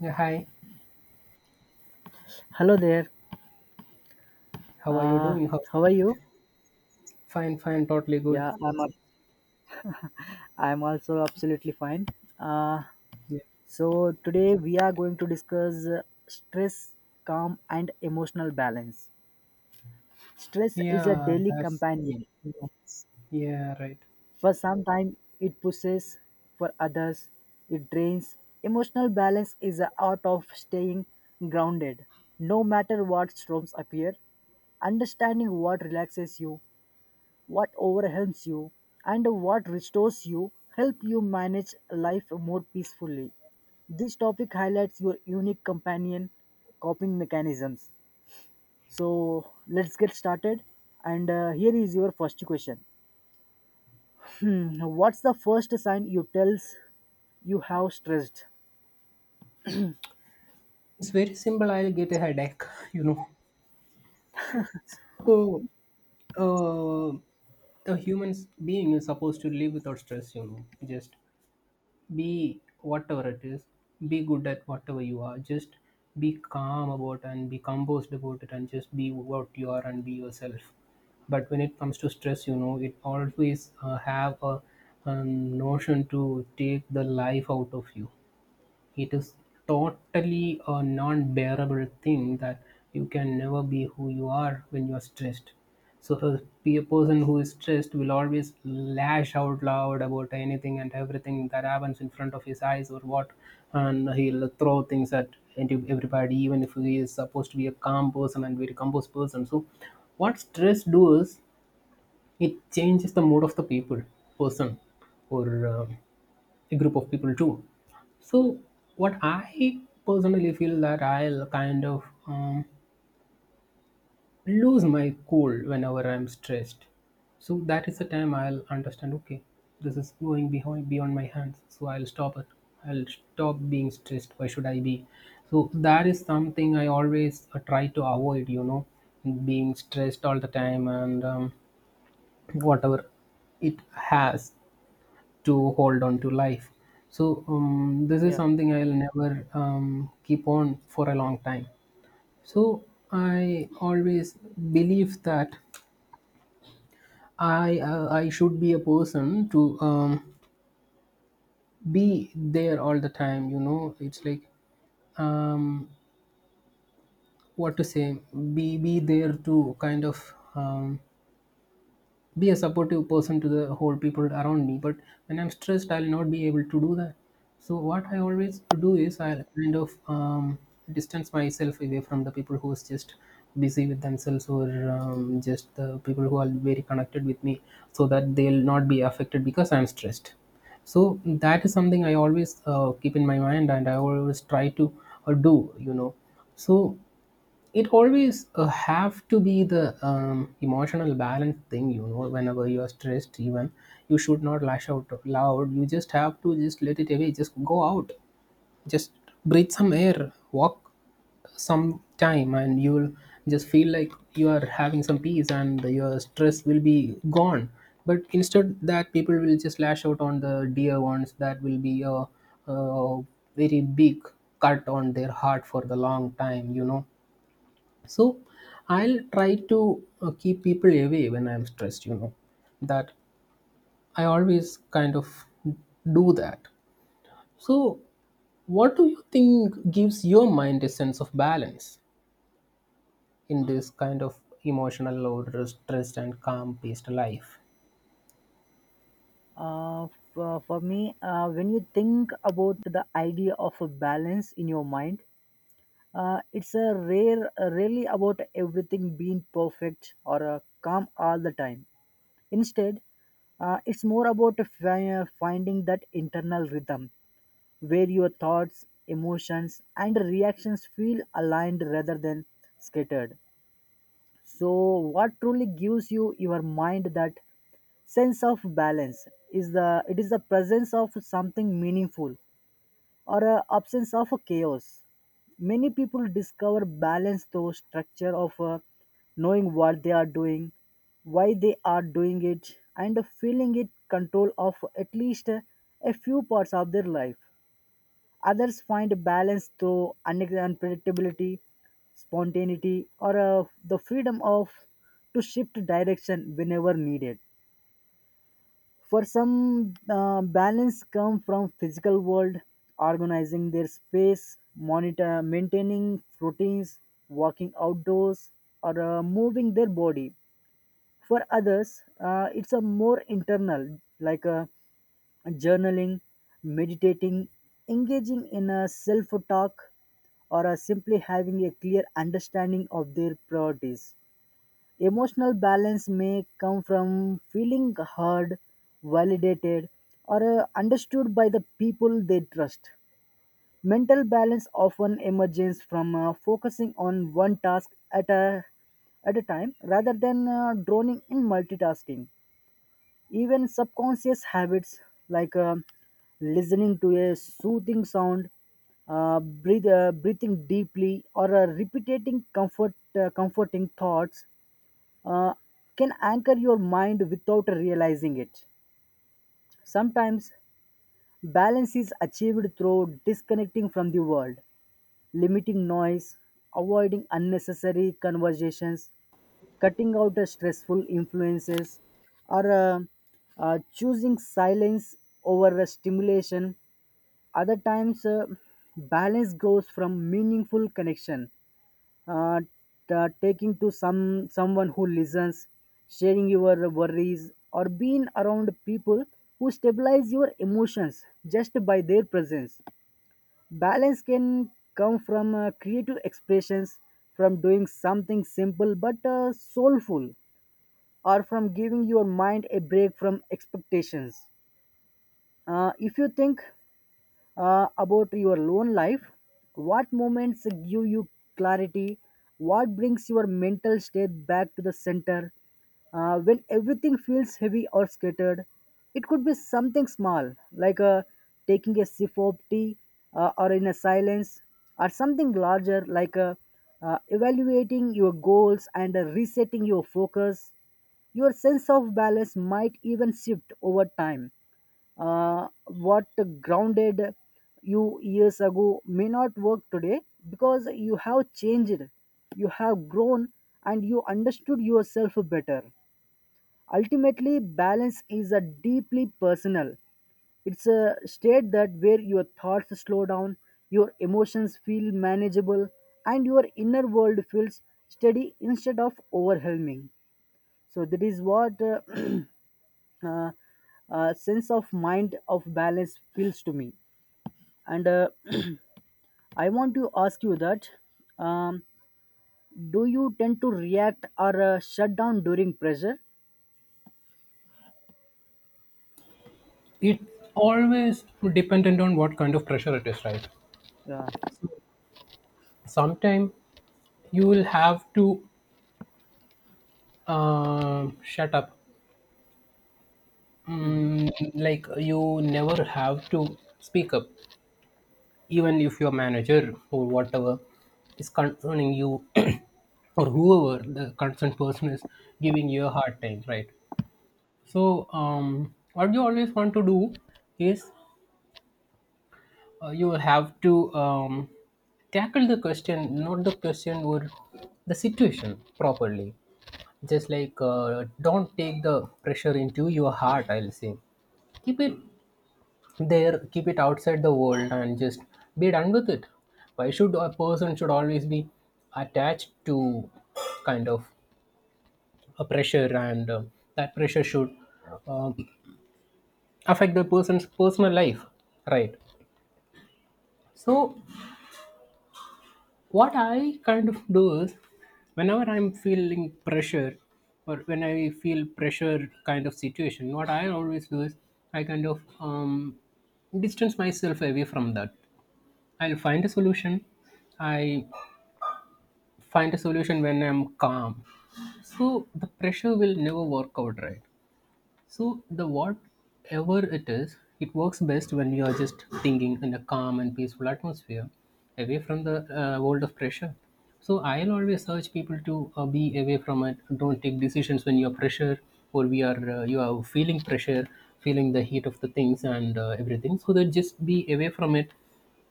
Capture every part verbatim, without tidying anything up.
Yeah, hi. Hello there. How are you Uh, doing? How's how are you? fine, fine, totally Yeah, good. I'm up. I'm also absolutely fine. Uh, Yeah, so today we are going to discuss uh, stress, calm, and emotional balance. Stress is a yeah, daily that's great. companion. You know. Yeah, right. For some time, it pushes. For others, it drains. Emotional balance is the art of staying grounded, no matter what storms appear. Understanding what relaxes you, what overwhelms you, and what restores you help you manage life more peacefully. This topic highlights your unique companion coping mechanisms. So let's get started. And uh, here is your first question. Mm, What's the first sign you tells you have stressed? It's very simple. I'll get a headache. You know. Oh, uh, a human being is supposed to live without stress. You know, just be whatever it is, be good at whatever you are, just be calm about and be composed about it and just be what you are and be yourself. But when it comes to stress, you know, it always uh, have a um, notion to take the life out of you. It is totally a non-bearable thing that you can never be who you are when you are stressed. So a pe- person who is stressed will always lash out loud about anything and everything that happens in front of his eyes or what, and he'll throw things at into everybody, even if he is supposed to be a calm person and very composed person. So what stress do is it changes the mood of the people, person, or um, a group of people too. So, what I personally feel that I'll kind of um, lose my cool whenever I'm stressed. So that is the time I'll understand. Okay, this is going behind beyond my hands. So I'll stop it. I'll stop being stressed. Why should I be? So that is something I always uh, try to avoid. You know, being stressed all the time, and um, whatever it has to hold on to life. So um, this is Yeah. something I'll never um, keep on for a long time. So I always believe that I uh, I should be a person to um, be there all the time. You know, it's like, um, what to say, be be there to kind of um, be a supportive person to the whole people around me. But when I'm stressed, I'll not be able to do that. So what I always do is I'll kind of um, distance myself away from the people who's just busy with themselves, or um, just the people who are very connected with me, so that they'll not be affected because I'm stressed. So that is something I always uh, keep in my mind, and I always try to, uh, do you know. So it always uh, have to be the um, emotional balance thing, you know. Whenever you are stressed, even you should not lash out loud, you just have to just let it away, just go out, just breathe some air, walk some time, and you'll just feel like you are having some peace and your stress will be gone. But instead, that people will just lash out on the dear ones. That will be a, a very big cut on their heart for the long time, you know. So I'll try to uh, keep people away when I'm stressed, you know, that I always kind of do that. So what do you think gives your mind a sense of balance in this kind of emotional or stressed and calm paced life? Uh, for, for me, uh, when you think about the idea of a balance in your mind, Uh, it's a rare, uh, rarely about everything being perfect or uh, calm all the time. Instead, uh, it's more about fi- uh, finding that internal rhythm where your thoughts, emotions, and reactions feel aligned rather than scattered. So, what truly gives you your mind that sense of balance is the it is the presence of something meaningful or a absence of a chaos. Many people discover balance through structure of uh, knowing what they are doing, why they are doing it, and feeling it control of at least uh, a few parts of their life. Others find balance through une- unpredictability, spontaneity, or uh, the freedom of to shift direction whenever needed. For some, uh, balance come from physical world, organizing their space, monitor, maintaining routines, walking outdoors, or uh, moving their body. For others, uh, it's a more internal, like uh, journaling, meditating, engaging in a self-talk, or uh, simply having a clear understanding of their priorities. Emotional balance may come from feeling heard, validated, or uh, understood by the people they trust. Mental balance often emerges from uh, focusing on one task at a, at a time rather than uh, droning in multitasking. Even subconscious habits like uh, listening to a soothing sound, uh, breathe, uh, breathing deeply, or uh, repeating comfort, uh, comforting thoughts uh, can anchor your mind without realizing it. Sometimes, balance is achieved through disconnecting from the world, limiting noise, avoiding unnecessary conversations, cutting out the stressful influences, or uh, uh, choosing silence over a stimulation. Other times, uh, balance grows from meaningful connection, uh, t- taking to some someone who listens, sharing your worries, or being around people who stabilize your emotions just by their presence. Balance can come from uh, creative expressions, from doing something simple but uh, soulful, or from giving your mind a break from expectations. Uh, if you think uh, about your own life. What moments give you clarity? What brings your mental state back to the center? Uh, when everything feels heavy or scattered, it could be something small like uh, taking a sip of tea uh, or in a silence, or something larger like uh, uh, evaluating your goals and uh, resetting your focus. Your sense of balance might even shift over time. Uh, what grounded you years ago may not work today, because you have changed, you have grown, and you understood yourself better. Ultimately, balance is a deeply personal. It's a state that where your thoughts slow down, your emotions feel manageable, and your inner world feels steady instead of overwhelming. So that is what uh, uh, uh, sense of mind of balance feels to me. And uh, I want to ask you that um, do you tend to react or uh, shut down during pressure? It always dependent on what kind of pressure it is, right? Yeah. Sometime you will have to, um, shut up. Mhm. Mm, like, you never have to speak up, even if your manager or whatever is concerning you or whoever the concerned person is giving you a hard time, right? So um, what you always want to do is, uh, you have to um, tackle the question, not the question or the situation, properly. Just like, uh, don't take the pressure into your heart, I'll say. Keep it there, keep it outside the world, and just be done with it. Why should a person should always be attached to kind of a pressure, and uh, that pressure should, um, affect the person's personal life, right? So what I kind of do is, whenever I'm feeling pressure or when I feel pressure kind of situation, what I always do is I kind of um, distance myself away from that. I'll find a solution. I find a solution when I'm calm. So the pressure will never work out, right? So the whatever it is, it works best when you are just thinking in a calm and peaceful atmosphere, away from the uh, world of pressure. So I'll always urge people to uh, be away from it. Don't take decisions when you're pressure, or we are, uh, you are feeling pressure, feeling the heat of the things and, uh, everything. So that, just be away from it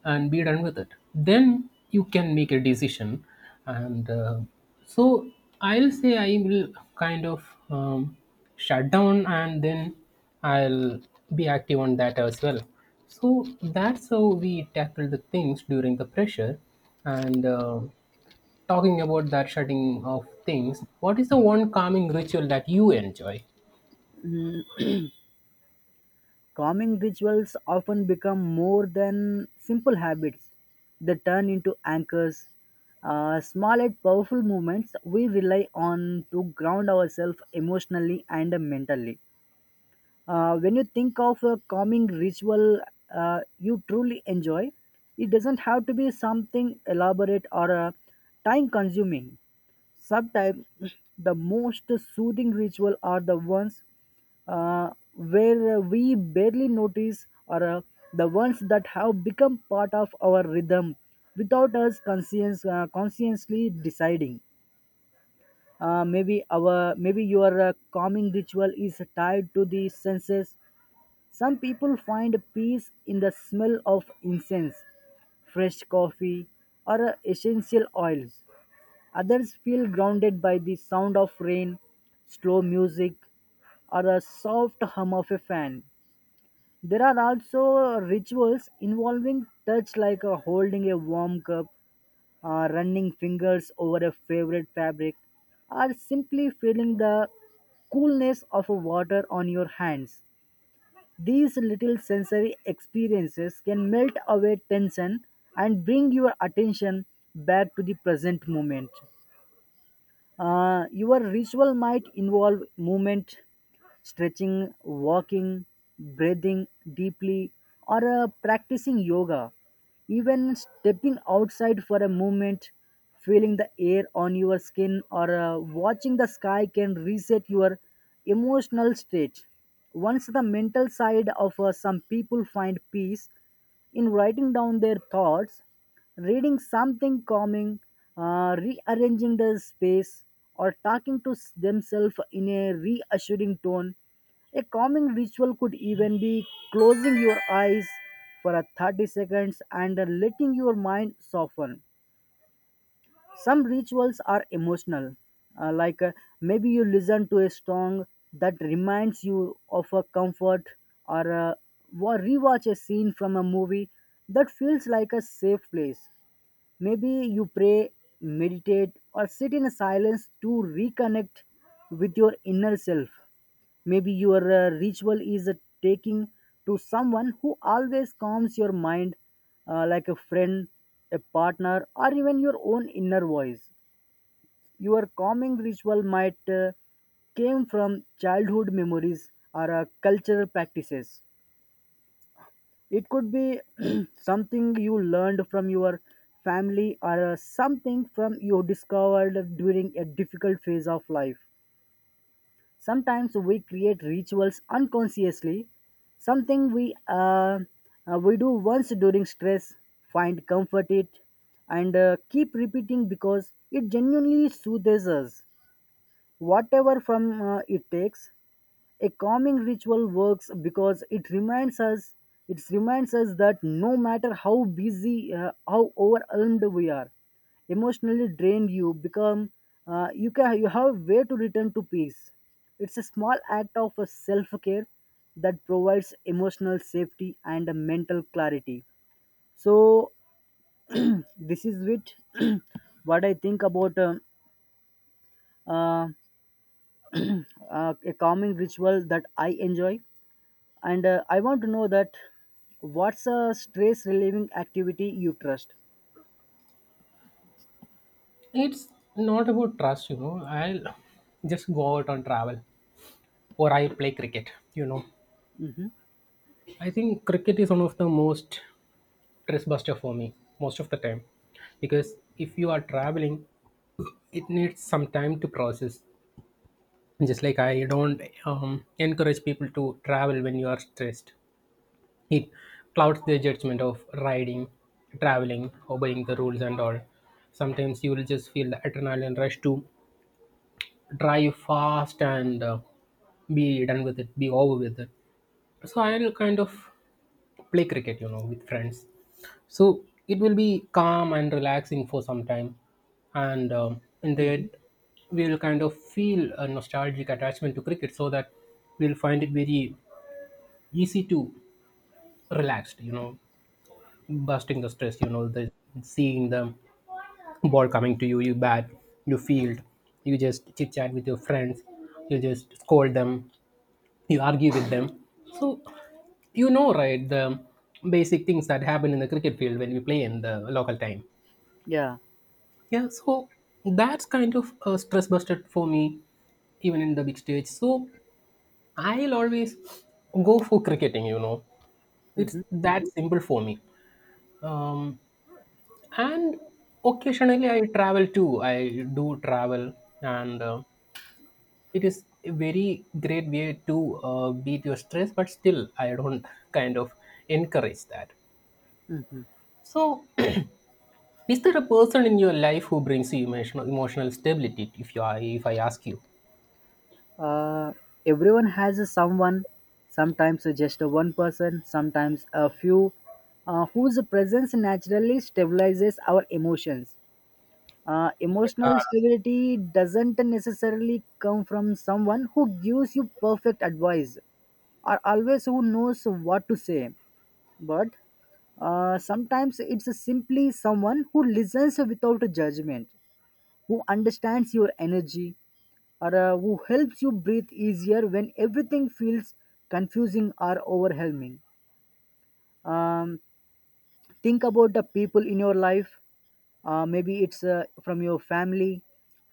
and be done with it, then you can make a decision. And uh, so I'll say I will kind of, um, shut down, and then I'll be active on that as well. So that's how we tackle the things during the pressure. And uh, Talking about that shutting of things, what is the one calming ritual that you enjoy? Mm, Calming rituals often become more than simple habits. They turn into anchors, uh, small and powerful movements we rely on to ground ourselves emotionally and mentally. Uh, when you think of a calming ritual uh, you truly enjoy, it doesn't have to be something elaborate or uh, time consuming. Sometimes the most soothing ritual are the ones uh, where uh, we barely notice, or uh, the ones that have become part of our rhythm without us conscience, uh, consciously deciding. Uh, maybe our maybe your uh, calming ritual is tied to the senses. Some people find peace in the smell of incense, fresh coffee, or essential oils. Others feel grounded by the sound of rain, slow music, or the soft hum of a fan. There are also rituals involving touch, like uh, holding a warm cup, uh, running fingers over a favorite fabric, or simply feeling the coolness of water on your hands. These little sensory experiences can melt away tension and bring your attention back to the present moment. Uh, your ritual might involve movement, stretching, walking, breathing deeply, or uh, practicing yoga. Even stepping outside for a moment, feeling the air on your skin, or uh, watching the sky can reset your emotional state. Once the mental side of uh, some people find peace in writing down their thoughts, reading something calming, uh, rearranging the space, or talking to s- themselves in a reassuring tone. A calming ritual could even be closing your eyes for a thirty seconds and uh, letting your mind soften. Some rituals are emotional, uh, like uh, maybe you listen to a song that reminds you of a comfort, or uh, wa- rewatch a scene from a movie that feels like a safe place. Maybe you pray, meditate, or sit in silence to reconnect with your inner self. Maybe your uh, ritual is uh, taking to someone who always calms your mind, uh, like a friend, a partner, or even your own inner voice. Your calming ritual might uh, came from childhood memories or uh, cultural practices. It could be something you learned from your family or uh, something from you discovered during a difficult phase of life. Sometimes we create rituals unconsciously, something we uh, uh, we do once during stress, find comfort it, and uh, keep repeating because it genuinely soothes us, whatever from uh, it takes. A calming ritual works because it reminds us it reminds us that no matter how busy, uh, how overwhelmed we are, emotionally drained, you become uh, you can you have a way to return to peace. It's a small act of self care that provides emotional safety and a mental clarity. So this is it. What I think about um uh, uh, a calming ritual that I enjoy. And uh, I want to know that what's a stress relieving activity you trust. It's not about trust, you know. I'll just go out on travel or I play cricket. You know, I think cricket is one of the most stress buster for me most of the time, because if you are traveling, it needs some time to process. Just like, I don't um, encourage people to travel when you are stressed. It clouds their judgment of riding, traveling, obeying the rules and all. Sometimes you will just feel the adrenaline rush to drive fast and, uh, be done with it, be over with it. So I'll kind of play cricket, you know, with friends. So it will be calm and relaxing for some time, and um, in the Hmm. end we'll kind of feel a nostalgic attachment to cricket, so that we'll find it very easy to relaxed, you know, busting the stress, you know, the seeing the ball coming to you, you bat, you field, you just chit chat with your friends, you just scold them, you argue with them. So you know, right, the basic things that happen in the cricket field when we play in the local time. Yeah. Yeah, so that's kind of a stress buster for me, even in the big stage. So I'll always go for cricketing, you know. It's Hmm. that simple for me. Um, and occasionally I travel too. I do travel, and uh, it is a very great way to uh, beat your stress, but still I don't kind of encourage that. Hmm. So is there a person in your life who brings you emotional emotional stability, if you are if I ask you? uh, Everyone has a someone, sometimes just a one person, sometimes a few, uh, whose presence naturally stabilizes our emotions. Uh, emotional stability doesn't necessarily come from someone who gives you perfect advice or always who knows what to say, but uh, sometimes it's simply someone who listens without judgment, who understands your energy, or uh, who helps you breathe easier when everything feels confusing or overwhelming. Um, think about the people in your life. Uh, maybe it's uh, from your family,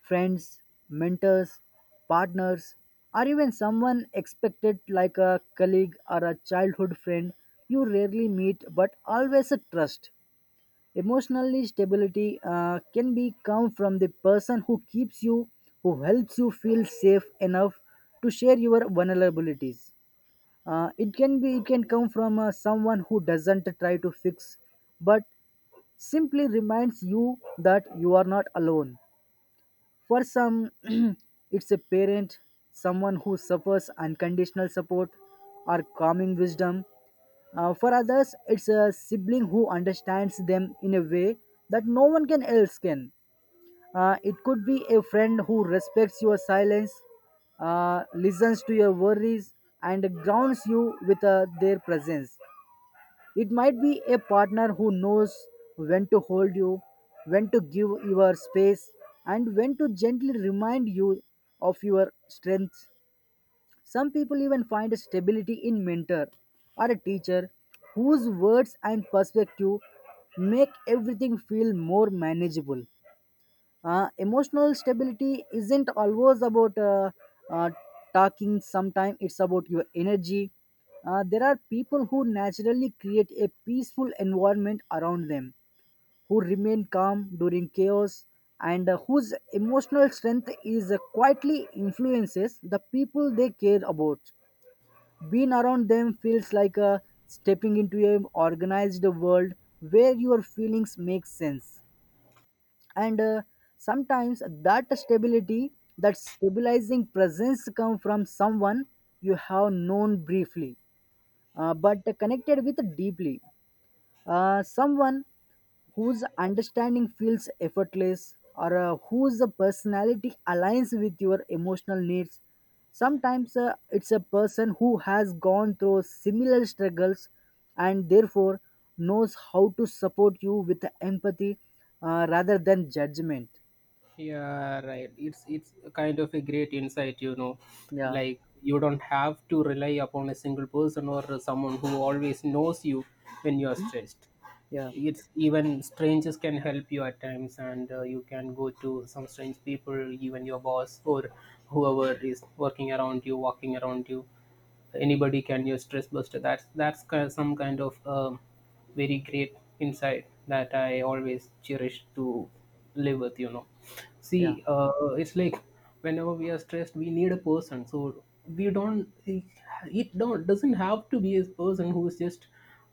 friends, mentors, partners, or even someone expected like a colleague or a childhood friend you rarely meet but always trust. Emotionally stability uh, can be come from the person who keeps you, who helps you feel safe enough to share your vulnerabilities. Uh, it can be it can come from uh, someone who doesn't try to fix, but simply reminds you that you are not alone. For some, it's a parent, someone who suffers unconditional support or calming wisdom. Uh, for others, it's a sibling who understands them in a way that no one can else can. Uh, it could be a friend who respects your silence, uh, listens to your worries, and grounds you with uh, their presence. It might be a partner who knows when to hold you, when to give your space, and when to gently remind you of your strength. Some people even find stability in mentor or a teacher whose words and perspective make everything feel more manageable. Uh, emotional stability isn't always about uh, uh, talking, sometimes it's about your energy. Uh, there are people who naturally create a peaceful environment around them, who remain calm during chaos, and uh, whose emotional strength is uh, quietly influences the people they care about. Being around them feels like a stepping into an organized world where your feelings make sense. And uh, sometimes that stability, that stabilizing presence come from someone you have known briefly, uh, but connected with deeply. Uh, someone whose understanding feels effortless or uh, whose personality aligns with your emotional needs. Sometimes uh, it's a person who has gone through similar struggles and therefore knows how to support you with empathy uh, rather than judgment. Yeah, right. It's it's kind of a great insight, you know, Yeah. like, you don't have to rely upon a single person or someone who always knows you when you are Mhm. stressed. Yeah. It's, even strangers can help you at times, and, uh, you can go to some strange people, even your boss or whoever is working around you, walking around you. Anybody can your stress buster. That's that's ki- some kind of, um, very great insight that I always cherish to live with, you know. Yeah. See, uh, it's like, whenever we are stressed, we need a person. So we don't, it don't, doesn't have to be a person who is just,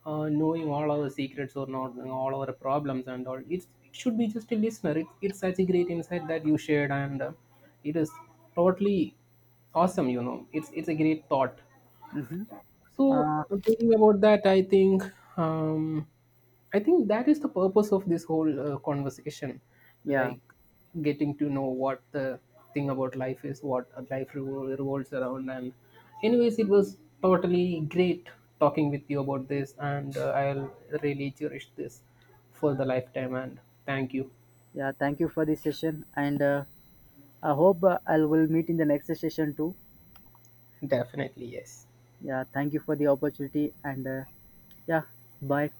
uh, knowing all our secrets or not, all our problems and all. It's, it should be just a listener. It, it's such a great insight that you shared, and uh, it is totally awesome. You know, it's it's a great thought. Hmm. So Uh, thinking about that, I think, um, I think that is the purpose of this whole uh, conversation, yeah, like getting to know what the thing about life is, what a life revol- revolves around. And anyways, it was totally great talking with you about this, and uh, I'll really cherish this for the lifetime. And thank you, yeah. Thank you for this session, and uh, I hope uh, I will meet in the next session too. definitely yes. Yeah, thank you for the opportunity and uh, yeah, bye.